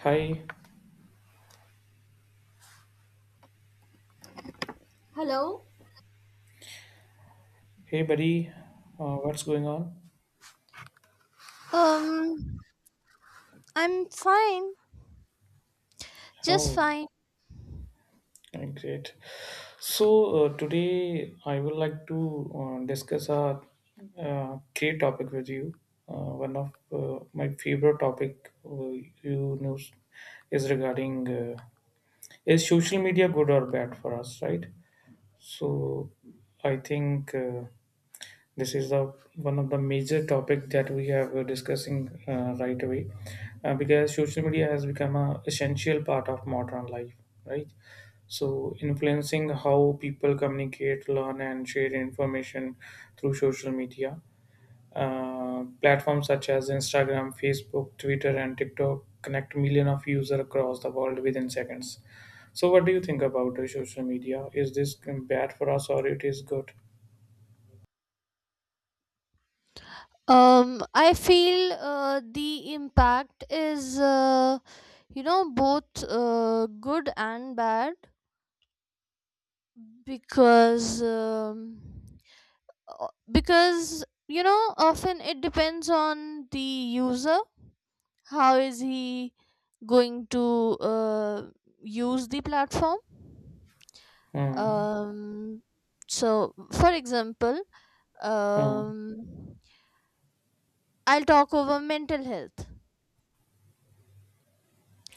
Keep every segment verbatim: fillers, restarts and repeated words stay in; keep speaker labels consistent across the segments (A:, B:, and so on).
A: Hi,
B: Hello.
A: hey buddy, uh, what's going on?
B: Um, I'm fine, just
A: Oh,
B: fine.
A: uh, great. So uh, today I would like to uh, discuss a uh, great topic with you. Uh, one of uh, my favorite topic uh, you know is regarding uh, is social media good or bad for us, right? So I think uh, This is the one of the major topic that we have uh, discussing uh, right away, uh, because social media has become a essential part of modern life, right? So influencing how people communicate, learn, and share information through social media. Uh, platforms such as Instagram, Facebook, Twitter, and TikTok connect millions of users across the world within seconds. So, what do you think about uh, social media? Is this bad for us or it is good?
B: Um, I feel uh, the impact is, uh, you know, both uh, good and bad because um, uh, because you know often it depends on the user. How is he going to uh, use the platform?
A: Hmm.
B: Um, so, for example.
A: Hmm.
B: um I'll talk over mental health.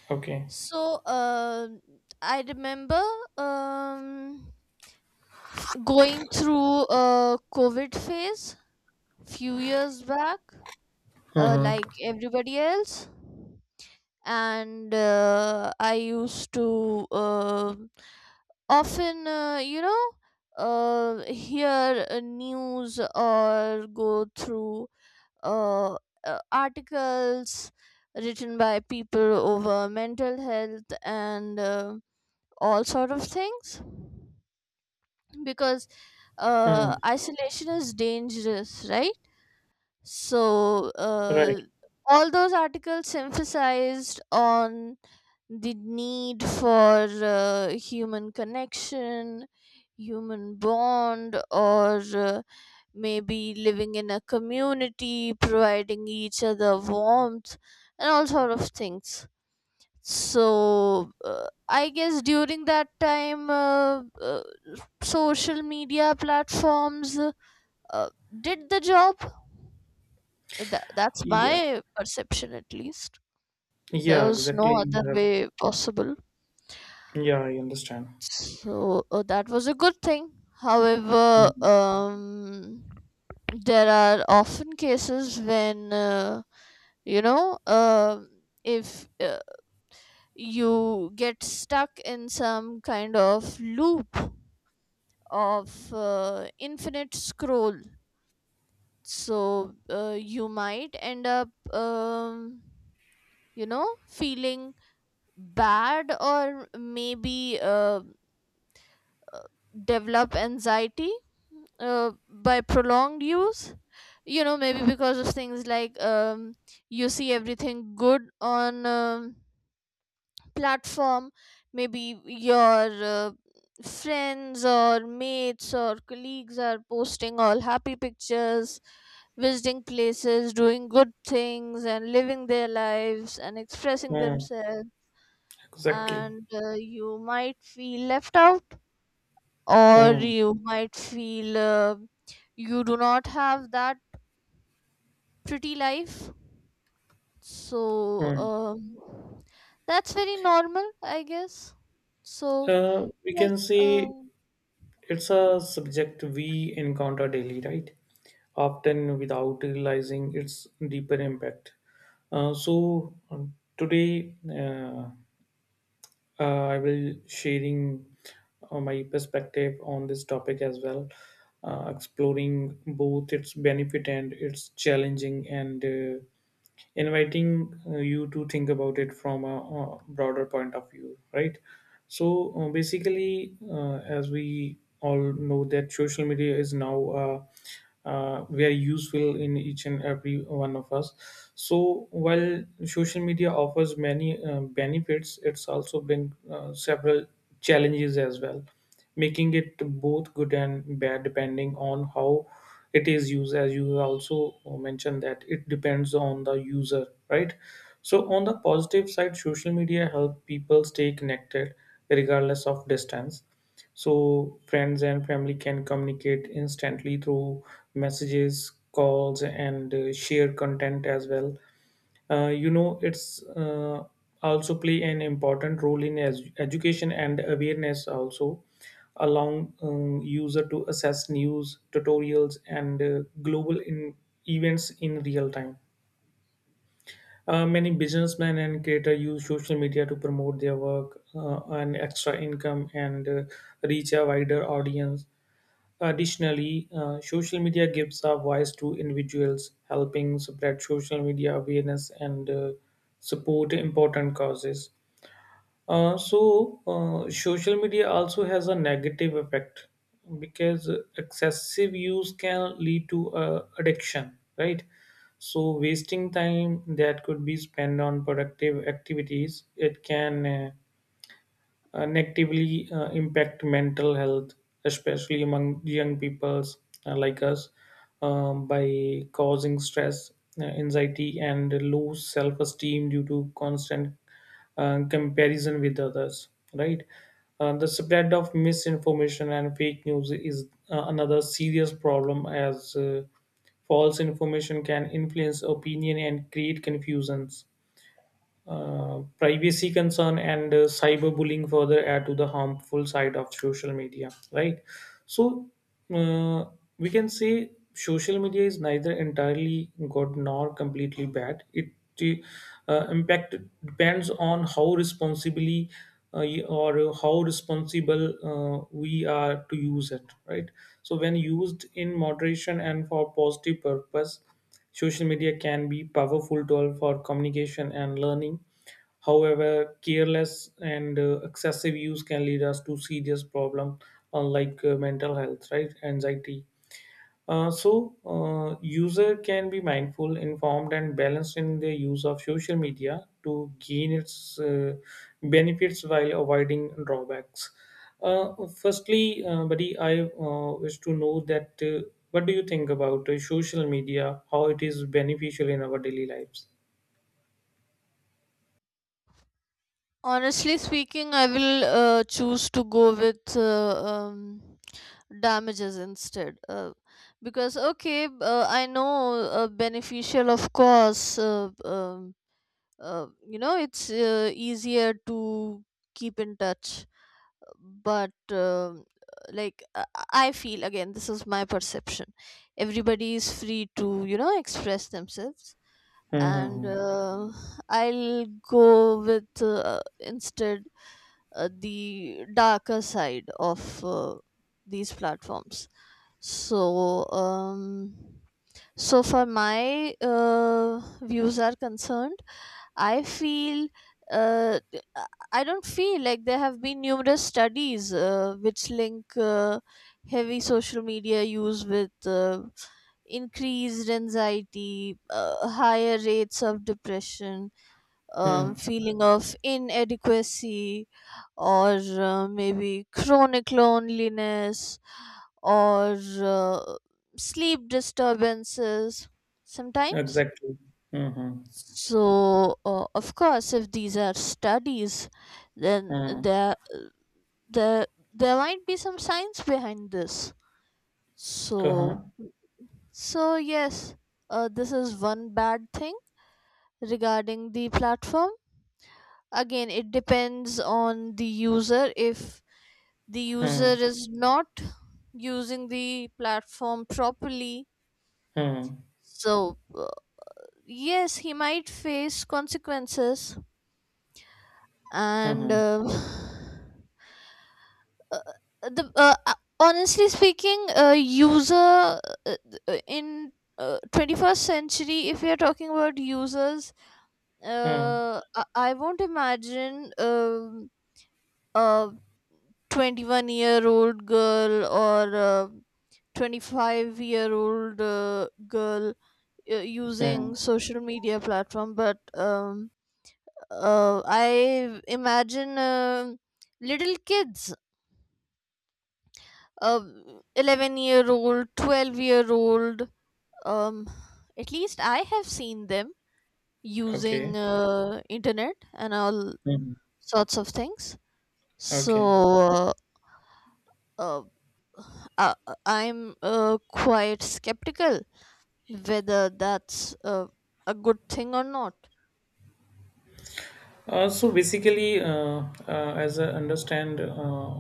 A: Okay.
B: So um I remember, um f- going through a COVID phase few years back, uh,
A: Mm-hmm.
B: like everybody else, and uh, I used to um often uh, you know uh, hear uh, news or go through uh, uh, articles written by people over mental health and uh, all sort of things, because uh,
A: Hmm.
B: isolation is dangerous, right? So, uh,
A: Right.
B: all those articles emphasized on the need for uh, human connection, human bond, or uh, maybe living in a community, providing each other warmth, and all sort of things. So, uh, I guess during that time, uh, uh, social media platforms uh, did the job. Th- that's
A: Yeah.
B: my perception, at least. There
A: Yeah,
B: was
A: exactly.
B: no other
A: Yeah,
B: way possible.
A: yeah, I understand.
B: So uh, that was a good thing. However,
A: Mhm.
B: um, there are often cases when, uh, you know, um if uh, you get stuck in some kind of loop of uh, infinite scroll, so uh, you might end up, um, you know, feeling bad, or maybe uh, uh, develop anxiety uh, by prolonged use, you know maybe because of things like, um, you see everything good on um, platform. Maybe your uh, friends or mates or colleagues are posting all happy pictures, visiting places, doing good things, and living their lives, and expressing
A: Mm,
B: themselves,
A: exactly.
B: and uh, you might feel left out, or
A: Hmm.
B: you might feel uh, you do not have that pretty life. So
A: Hmm.
B: um, that's very normal, I guess. So
A: Uh, we
B: yes.
A: can say
B: um,
A: it's a subject we encounter daily, right? Often without realizing its deeper impact. Uh, so um, today, uh, uh, I will sharing uh, my perspective on this topic as well, uh, exploring both its benefit and its challenging and uh, inviting uh, you to think about it from a, uh broader point of view, right? So uh, basically uh, as we all know that social media is now uh, uh, very useful in each and every one of us. So while social media offers many uh, benefits it's also bring uh, several challenges as well, making it both good and bad depending on how it is used, as you also mentioned that it depends on the user, right? So on the positive side social media help people stay connected regardless of distance. So friends and family can communicate instantly through messages, calls, and uh, share content as well. uh, you know it's uh, also play an important role in edu- education and awareness also, allowing um, user to assess news, tutorials, and uh, global in events in real time. uh, many businessmen and creators use social media to promote their work uh, and extra income and uh, reach a wider audience. Additionally, uh, social media gives a voice to individuals, helping spread social media awareness and uh, support important causes. Uh, so, uh, social media also has a negative effect because excessive use can lead to uh, addiction, right? So, wasting time that could be spent on productive activities, it can uh, uh, negatively uh, impact mental health, especially among young peoples uh, like us, um, by causing stress, uh, anxiety, and low self esteem due to constant uh, comparison with others. Right? Uh, the spread of misinformation and fake news is uh, another serious problem as uh, false information can influence opinion and create confusions. uh, privacy concern and uh, cyberbullying further add to the harmful side of social media, right? So uh, we can say social media is neither entirely good nor completely bad. It uh, impact depends on how responsibly uh, or how responsible uh, we are to use it, right? So when used in moderation and for positive purpose, Social media can be powerful tool for communication and learning. However, careless and uh, excessive use can lead us to serious problem uh, like uh, mental health, right? Anxiety. uh, so, uh, user can be mindful, informed, and balanced in their use of social media to gain its uh, benefits while avoiding drawbacks. Uh, firstly, uh, buddy, I uh, wish to know that uh, what do you think about uh, social media? How it is beneficial in our daily lives?
B: Honestly speaking, I will uh, choose to go with uh, um, damages instead. Uh, because okay, b- uh, I know uh, beneficial, of course. Uh, um uh, you know it's uh, easier to keep in touch, but um, like uh, I feel, again this is my perception, everybody is free to you know express themselves, and
A: Mm-hmm.
B: uh, I'll go with uh, instead uh, the darker side of uh, these platforms. So um so far my uh, views are concerned, I feel uh, th- I I don't feel like there have been numerous studies uh, which link uh, heavy social media use with uh, increased anxiety, uh, higher rates of depression, um,
A: Hmm.
B: feeling of inadequacy, or uh, maybe chronic loneliness, or uh, sleep disturbances sometimes.
A: Exactly. Mm-hmm.
B: So, uh, of course, if these are studies, then
A: Hmm.
B: there, there, there might be some science behind this. So,
A: Uh-huh.
B: so yes, uh, this is one bad thing regarding the platform. Again, it depends on the user. If the user
A: Hmm.
B: is not using the platform properly,
A: Hmm.
B: so uh, yes, he might face consequences. And.
A: Hmm.
B: Uh, uh, the uh, uh, honestly speaking, uh, user, uh, uh, in uh, twenty-first century, if we are talking about users,
A: Hmm.
B: uh, I, I won't imagine um a twenty-one year old girl or a twenty-five year old uh, girl uh, using
A: Hmm.
B: social media platform, but um, uh, I imagine um little kids, um, eleven year old, twelve year old. um, at least I have seen them using
A: Okay.
B: uh, internet and all
A: Hmm.
B: sorts of things. So
A: Okay.
B: uh, uh, uh, I'm uh, quite skeptical whether that's uh, a good thing or not.
A: Uh, so basically, uh, uh, as I understand, uh,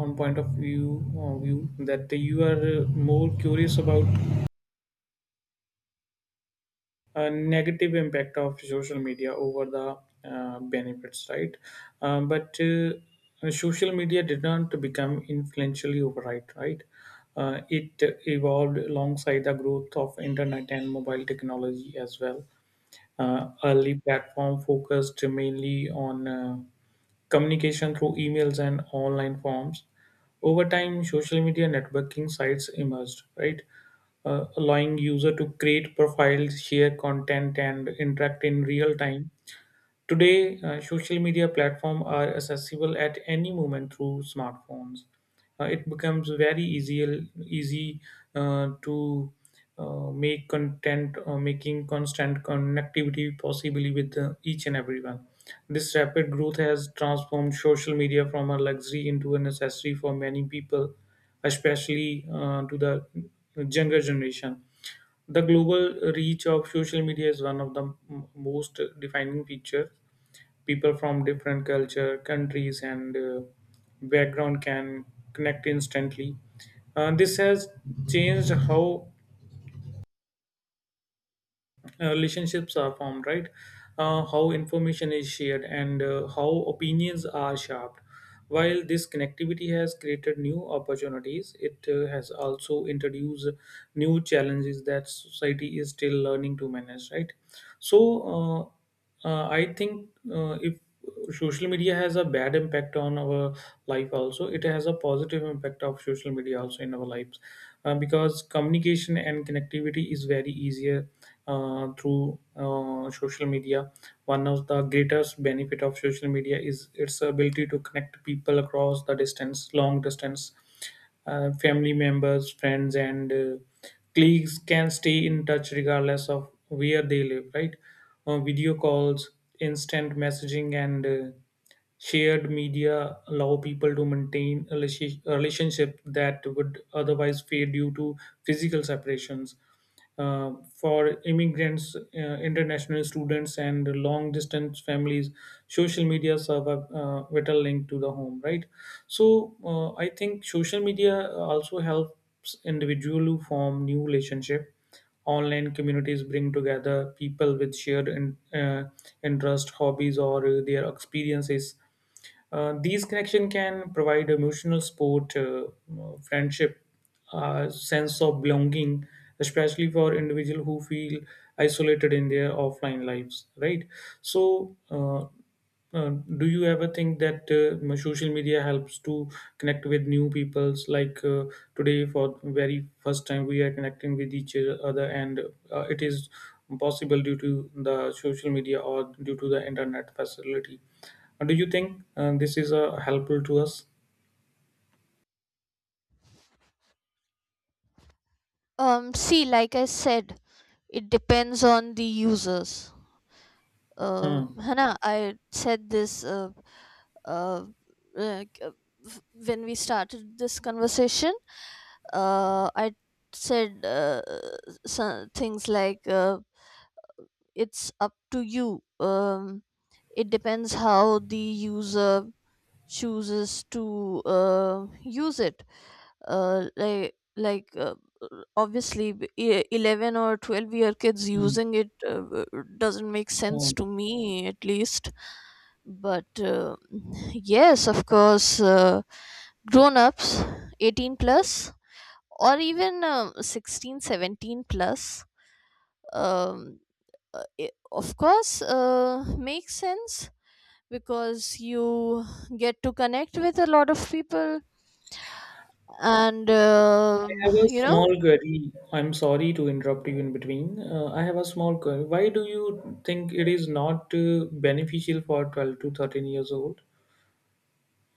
A: on point of view, uh, view that you are uh, more curious about uh, negative impact of social media over the uh, benefits, right? Uh, but uh, social media did not become influentially overnight, right? Uh, it evolved alongside the growth of internet and mobile technology as well. Uh, early platform focused mainly on uh, communication through emails and online forms. Over time, social media networking sites emerged, right? Uh, allowing user to create profiles, share content, and interact in real time. Today, uh, social media platforms are accessible at any moment through smartphones. Uh, it becomes very easy, easy uh, to uh, make content, uh, making constant connectivity possibly with uh, each and everyone. This rapid growth has transformed social media from a luxury into a necessity for many people, especially uh, to the younger generation. The global reach of social media is one of the m- most defining features. People from different culture, countries, and uh, background can connect instantly. Uh, this has changed how uh, relationships are formed, right? Uh, how information is shared and uh, how opinions are sharpened. While this connectivity has created new opportunities, it uh, has also introduced new challenges that society is still learning to manage, right? So, uh, uh, I think uh, if social media has a bad impact on our life, also it has a positive impact of social media also in our lives, uh, because communication and connectivity is very easier uh, through uh, social media. One of the greatest benefit of social media is its ability to connect people across the distance long distance. uh, family members, friends, and uh, colleagues can stay in touch regardless of where they live, right? Uh, video calls, instant messaging, and uh, Shared media allow people to maintain a relati- relationship that would otherwise fade due to physical separations. Uh, for immigrants, uh, international students, and long distance families, social media serve a uh, vital link to the home, right? So, uh, I think social media also helps individual to form new relationship. Online communities bring together people with shared in, uh, interests, hobbies, or uh, their experiences. Uh, these connections can provide emotional support, uh, friendship, uh, sense of belonging, especially for individual who feel isolated in their offline lives. Right. So, uh, uh, do you ever think that uh, social media helps to connect with new peoples? Like uh, today, for very first time, we are connecting with each other, and uh, it is possible due to the social media or due to the internet facility. uh, Do you think uh, this is uh, helpful to us?
B: um, See, like I said, it depends on the users. uh,
A: Hmm.
B: है. I said this uh, uh, like, uh, f- when we started this conversation. Uh, I said uh, some things like uh, it's up to you. Um, it depends how the user chooses to uh, use it. Uh, like like uh, Obviously, b- e- eleven or twelve year kids
A: Mm.
B: using it uh, uh, doesn't make
A: Uh,
B: sense
A: I
B: to me, at least. But uh, yes, of course, uh, grown ups, eighteen plus, or even um sixteen, seventeen plus. um, uh, it, of course, uh, makes sense, because you get to connect with a lot of people. And um
A: have a
B: you know
A: small query. I'm sorry to interrupt you in between. Uh, I have a small query. Why do you think it is not uh, beneficial for twelve to thirteen years old,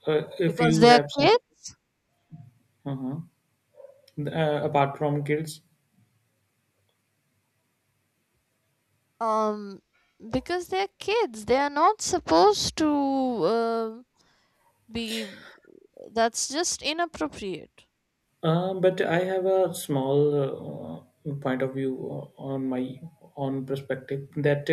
A: uh, if
B: because
A: you
B: they are
A: have some?
B: kids.
A: Uh-huh, uh, apart from kids?
B: um, because they are kids, they are not supposed to uh, be. That's just inappropriate.
A: Uh, but I have a small uh, point of view uh, on my own perspective that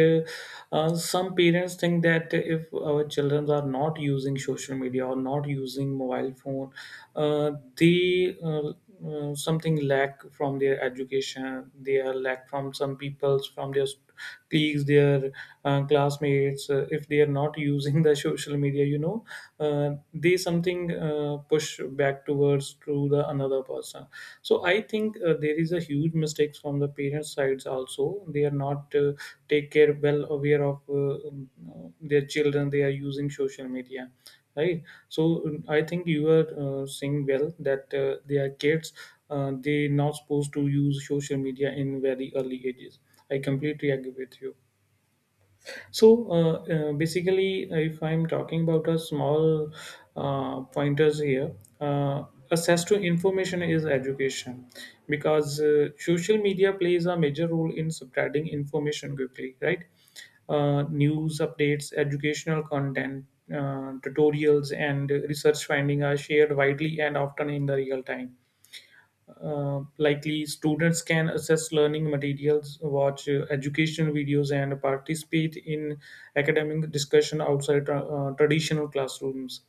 A: uh, uh, some parents think that if our children are not using social media or not using mobile phone, uh, they uh, uh, something lack from their education. They are lack from some people's from their tease their uh, classmates uh, if they are not using the social media, you know uh, they something uh, push back towards to the another person. So I think uh, there is a huge mistakes from the parents sides also, they are not uh, take care well aware of uh, um, uh, their children they are using social media, right? So um, I think you are uh, saying well that uh, they are kids, uh, they not supposed to use social media in very early ages. I completely agree with you. So uh, uh, basically, uh, if I'm talking about a small uh, pointers here, uh, access to information is education because uh, social media plays a major role in spreading information quickly, right? Uh, news updates, educational content, uh, tutorials, and research finding are shared widely and often in the real time. uh, likely, students can assess learning materials, watch uh, educational videos, and participate in academic discussion outside tra- uh, traditional classrooms.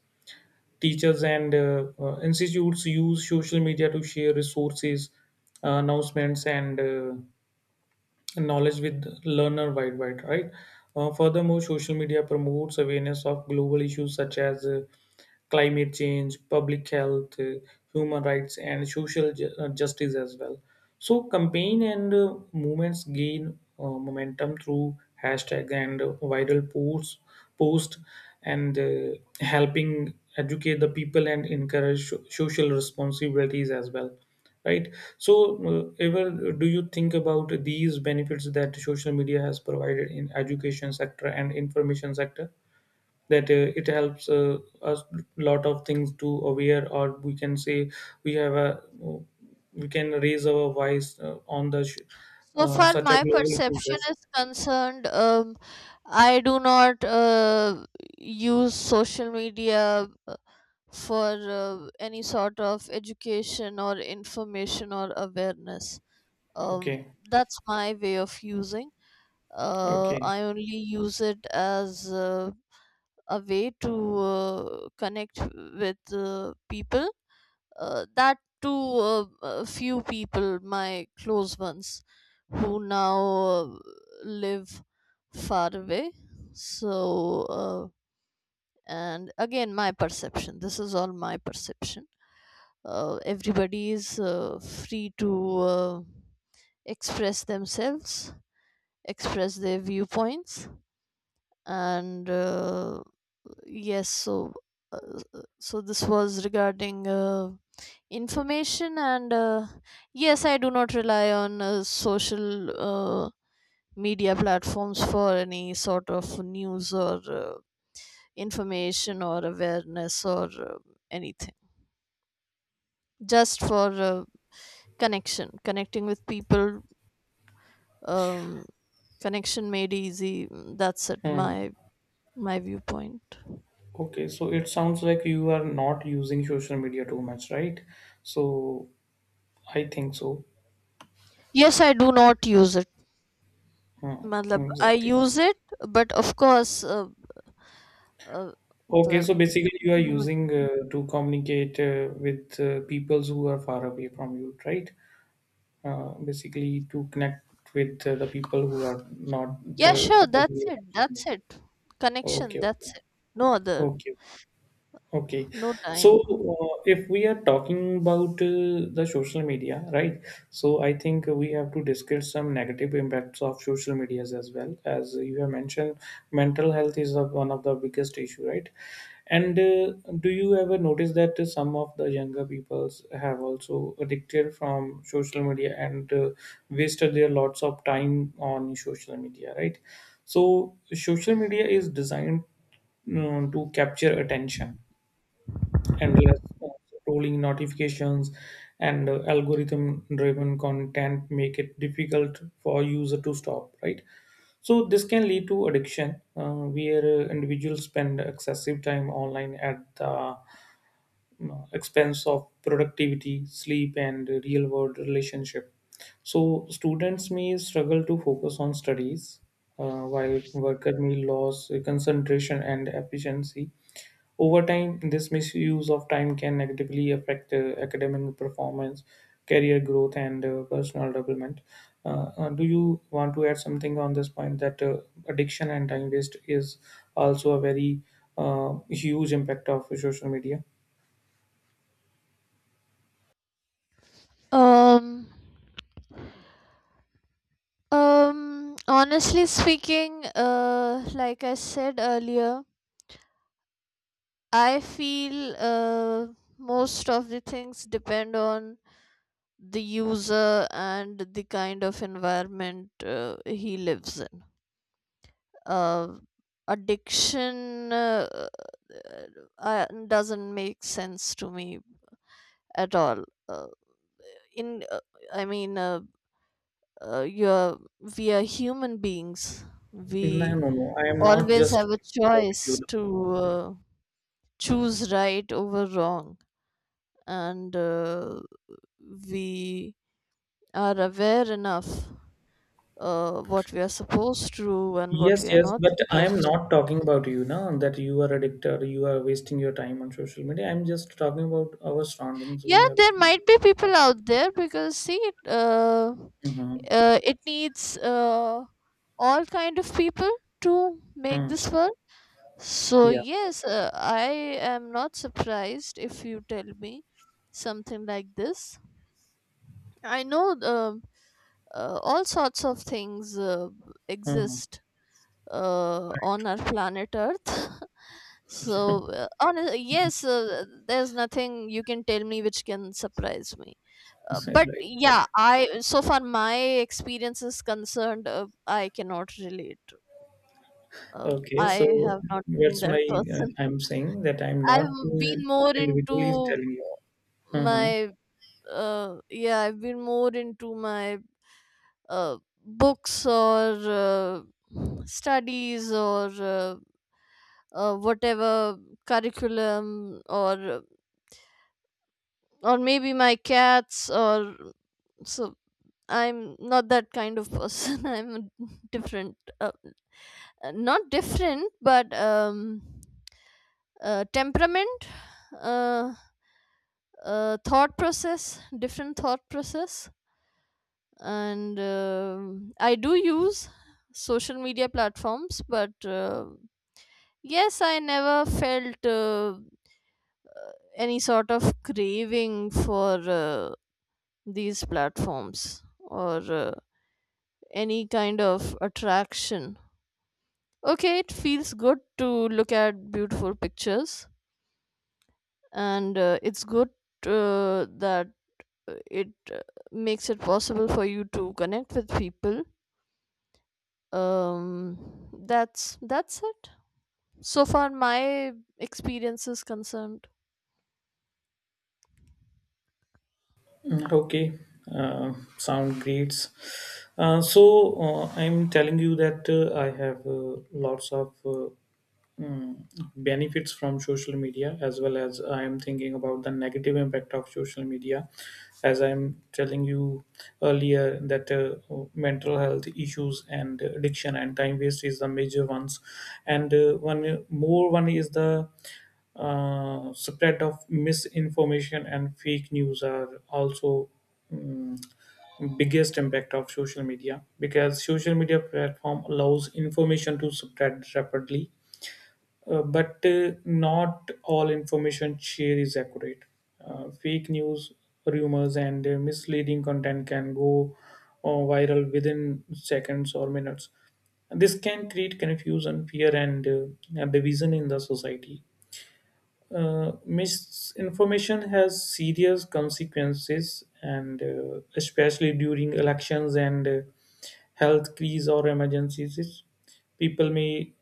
A: Teachers and uh, uh, institutes use social media to share resources, announcements, and uh, knowledge with learner worldwide, right? Uh, furthermore, social media promotes awareness of global issues such as uh, climate change, public health, uh, human rights, and social ju- uh, justice as well. So, campaign and uh, movements gain uh, momentum through hashtag and uh, viral posts, post, and uh, helping educate the people and encourage so- social responsibilities as well, right? so uh, ever uh, do you think about these benefits that social media has provided in education sector and information sector, that uh, it helps uh, us lot of things to aware, or we can say we have a uh, we can raise our voice uh, on the sh-
B: So
A: uh,
B: far,
A: such a
B: my
A: global
B: perception
A: issues?
B: is concerned, um, I do not uh, use social media uh, for uh, any sort of education or information or awareness. Um,
A: Okay.
B: that's my way of using. Uh,
A: Okay.
B: I only use it as uh, a way to uh, connect with uh, people, uh, that to uh, a few people, my close ones, who now uh, live far away. So, uh, and again, my perception. This is all my perception. Uh, everybody is uh, free to uh, express themselves, express their viewpoints, and uh, yes, so. Uh, so this was regarding uh, information, and uh, yes, I do not rely on uh, social uh, media platforms for any sort of news or uh, information or awareness or uh, anything. Just for uh, connection connecting with people. um, Connection made easy, mm, that's it.
A: Hmm.
B: My my viewpoint.
A: Okay. so it sounds like you are not using social media too much, right? so I think so.
B: Yes, I do not use it.
A: Hmm.
B: Matlab, I
A: Exactly.
B: use it, but of course uh, uh,
A: Okay,
B: matlab.
A: so basically you are using uh, to communicate uh, with uh, peoples who are far away from you, right? Uh, basically to connect with uh, the people who are not
B: Yeah,
A: uh,
B: sure. That's it. That's it. Connection.
A: okay, okay,
B: That's it. No other.
A: okay. Okay,
B: No
A: so
B: time.
A: uh, if we are talking about uh, the social media, right? So I think we have to discuss some negative impacts of social medias as well. As you have mentioned, mental health is of one of the biggest issue, right? And uh, Do you ever notice that some of the younger peoples have also addicted from social media and uh, wasted their lots of time on social media, right? So social media is designed you to capture attention, endless uh, scrolling notifications, and uh, algorithm driven content make it difficult for user to stop, right? So this can lead to addiction, uh, where uh, individuals spend excessive time online at the you know, expense of productivity, sleep, and real world relationship. So students may struggle to focus on studies, uh, while worker may lose concentration and efficiency. Over time, this misuse of time can negatively affect uh, academic performance, career growth, and uh, personal development. Uh, uh, do you want to add something on this point that uh, addiction and time waste is also a very uh, huge impact of social media?
B: Um. Um. Honestly speaking, uh, like I said earlier, I feel uh most of the things depend on the user and the kind of environment uh, he lives in. Uh, Addiction uh, uh, uh, doesn't make sense to me at all. Uh, in uh, I mean, uh, uh, you're we are human beings.
A: No,
B: We
A: no, no. I am not
B: always
A: just
B: have a
A: about you.
B: choice to uh, choose right over wrong, and uh, we are aware enough uh, what we are supposed to do and what
A: Yes,
B: we are
A: yes,
B: not
A: but I am
B: supposed.
A: not talking about you now that you are addicted, you are wasting your time on social media. I'm just talking about our surroundings. We
B: Yeah,
A: have.
B: there might be people out there, because see, it uh,
A: Mhm.
B: uh, it needs uh, all kind of people to make
A: Mm.
B: this world. So,
A: Yeah.
B: yes, uh, I am not surprised if you tell me something like this. I know um uh, all sorts of things uh,
A: Hmm.
B: exist uh,
A: Right.
B: on our planet Earth. So, uh, on, yes, uh, there's nothing you can tell me which can surprise me. Uh, but
A: Right. Right.
B: yeah, I so far my experience is concerned, uh, I cannot relate. Um,
A: Okay. So
B: I have not been
A: that's
B: that
A: my. Uh,
B: person.
A: I'm saying that I'm not
B: I've
A: uh,
B: been more
A: individually
B: into
A: telling you. Mm-hmm.
B: my uh Yeah, I've been more into my uh books, or uh, studies, or uh, uh, whatever curriculum, or uh, or maybe my cats, or so. I'm not that kind of person. I'm a different uh, uh, not different, but um uh, temperament, uh, uh, thought process different thought process. And um I do use social media platforms, but uh, yes, I never felt uh, any sort of craving for uh, these platforms or uh, any kind of attraction. Okay, it feels good to look at beautiful pictures, and uh, it's good uh, that uh, it uh, makes it possible for you to connect with people. um that's that's it. So far, my experience is concerned.
A: Mm. Okay. Uh, sound great. Uh, so uh, I'm telling you that uh, I have uh, lots of uh, mm, benefits from social media, as well as I am thinking about the negative impact of social media. As I'm telling you earlier that uh, mental health issues and addiction and time waste is the major ones, and uh, one more one is the uh, spread of misinformation and fake news are also mm, biggest impact of social media, because social media platform allows information to spread rapidly, uh, but uh, not all information shared is accurate. Uh, fake news, rumors, and uh, misleading content can go uh, viral within seconds or minutes. This can create confusion, fear, and uh, division in the society. Uh, misinformation has serious consequences, and uh, especially during elections and uh, health crises or emergencies, people may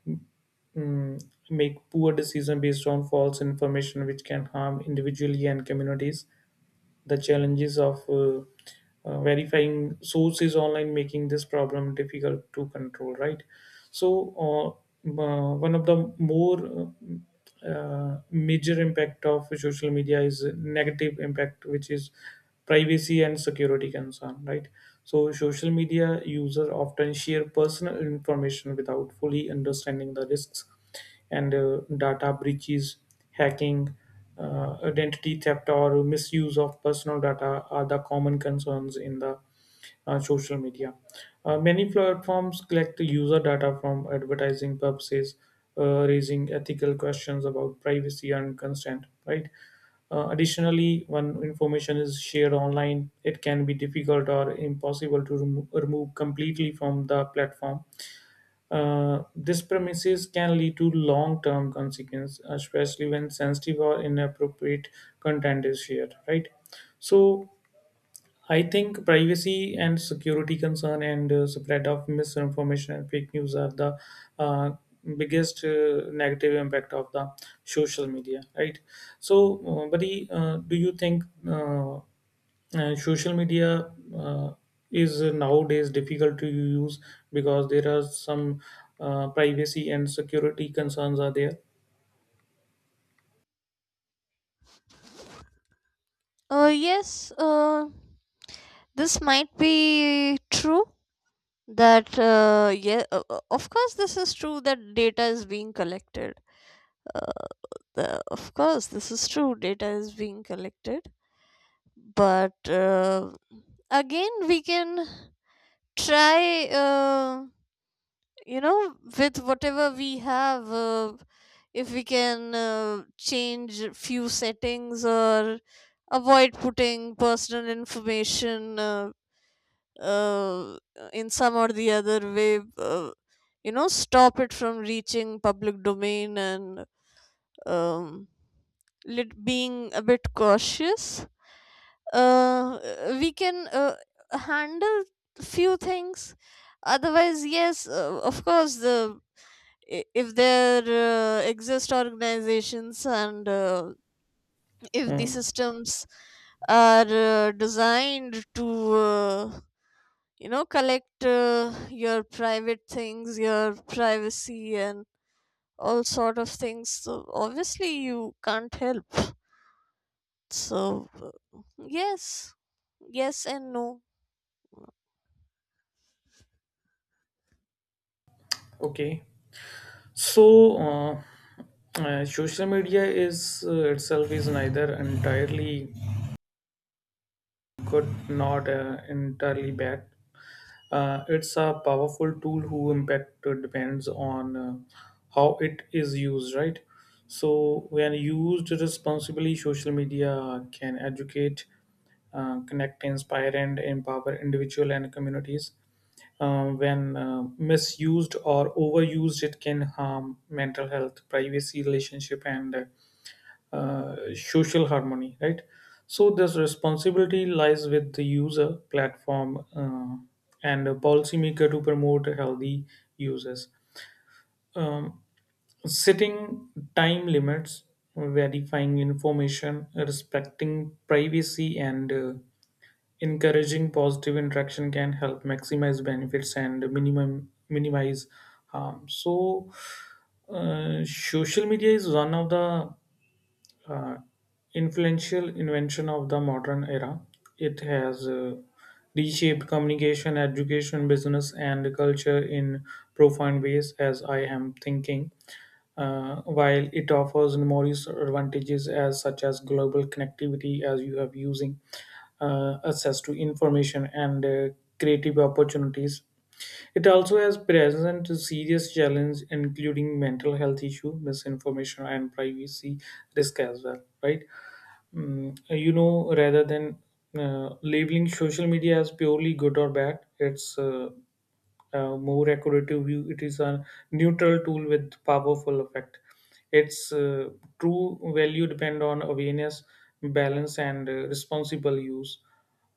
A: mm, make poor decisions based on false information, which can harm individually and communities. The challenges of uh, uh, verifying sources online making this problem difficult to control, right? So uh, uh, one of the more uh, uh, major impact of social media is negative impact, which is privacy and security concern, right? So social media user often share personal information without fully understanding the risks, and uh, data breaches, hacking, uh, identity theft, or misuse of personal data are the common concerns in the uh, social media. Uh, many platforms collect user data from advertising purposes, uh, raising ethical questions about privacy and consent, right? Uh, additionally, when information is shared online, it can be difficult or impossible to remo- remove completely from the platform. Uh, this premises can lead to long-term consequences, especially when sensitive or inappropriate content is shared. Right. So I think privacy and security concern and uh, spread of misinformation and fake news are the uh, biggest uh, negative impact of the social media. Right. So, uh, buddy, uh, do you think Uh, and social media uh, is nowadays difficult to use because there are some uh, privacy and security concerns are there?
B: Uh, yes, uh, this might be true that, uh, yeah, uh, uh, of course, this is true that data is being collected. Uh, the, of course, this is true, data is being collected. But uh, again, we can try. Uh, you know with whatever we have, uh, if we can uh, change few settings or avoid putting personal information uh, uh, in some or the other way, uh, you know, stop it from reaching public domain, and um, lit- being a bit cautious, uh, we can uh, handle few things. Otherwise yes, uh, of course, the i- if there uh, exist organizations, and uh, if the
A: Hmm.
B: systems are uh, designed to uh, you know collect uh, your private things, your privacy, and all sort of things, so obviously you can't help. So uh, yes. Yes and no.
A: Okay. So uh, uh, social media is uh, itself is neither entirely could not uh, entirely back. Uh, it's a powerful tool who impact uh, depends on uh, how it is used, right? So when used responsibly, social media can educate, uh, connect, inspire, and empower individual and communities. Uh, when uh, misused or overused, it can harm mental health, privacy, relationship, and uh, uh, social harmony, right? So this responsibility lies with the user, platform, uh, and a policymaker to promote healthy uses. Um, setting time limits, verifying information, respecting privacy, and uh, encouraging positive interaction can help maximize benefits and minimum minimize harm. So, uh, social media is one of the uh, influential invention of the modern era. It has uh, reshaped communication, education, business, and culture in profound ways, as I am thinking. Uh, while it offers numerous advantages, as such as global connectivity, as you have using, uh, access to information and uh, creative opportunities. It also has present serious challenge, including mental health issue, misinformation, and privacy risk as well. Right? Mm, you know, rather than uh, labeling social media as purely good or bad, it's uh, uh, more accurate view. It is a neutral tool with powerful effect. Its uh, true value depend on awareness, balance, and uh, responsible use.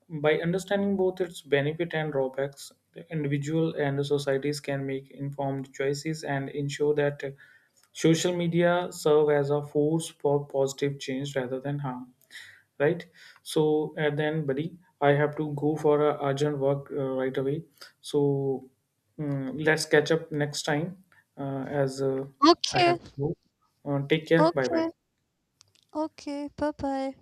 A: By understanding both its benefit and drawbacks, the individual and the societies can make informed choices and ensure that uh, social media serve as a force for positive change rather than harm, right? So at the end, buddy, I have to go for a urgent work, uh, right away. So, mm, let's catch up next time, uh, as uh, I
B: Okay.
A: have to go. Uh, take care. Bye
B: Okay.
A: bye.
B: Okay, bye bye.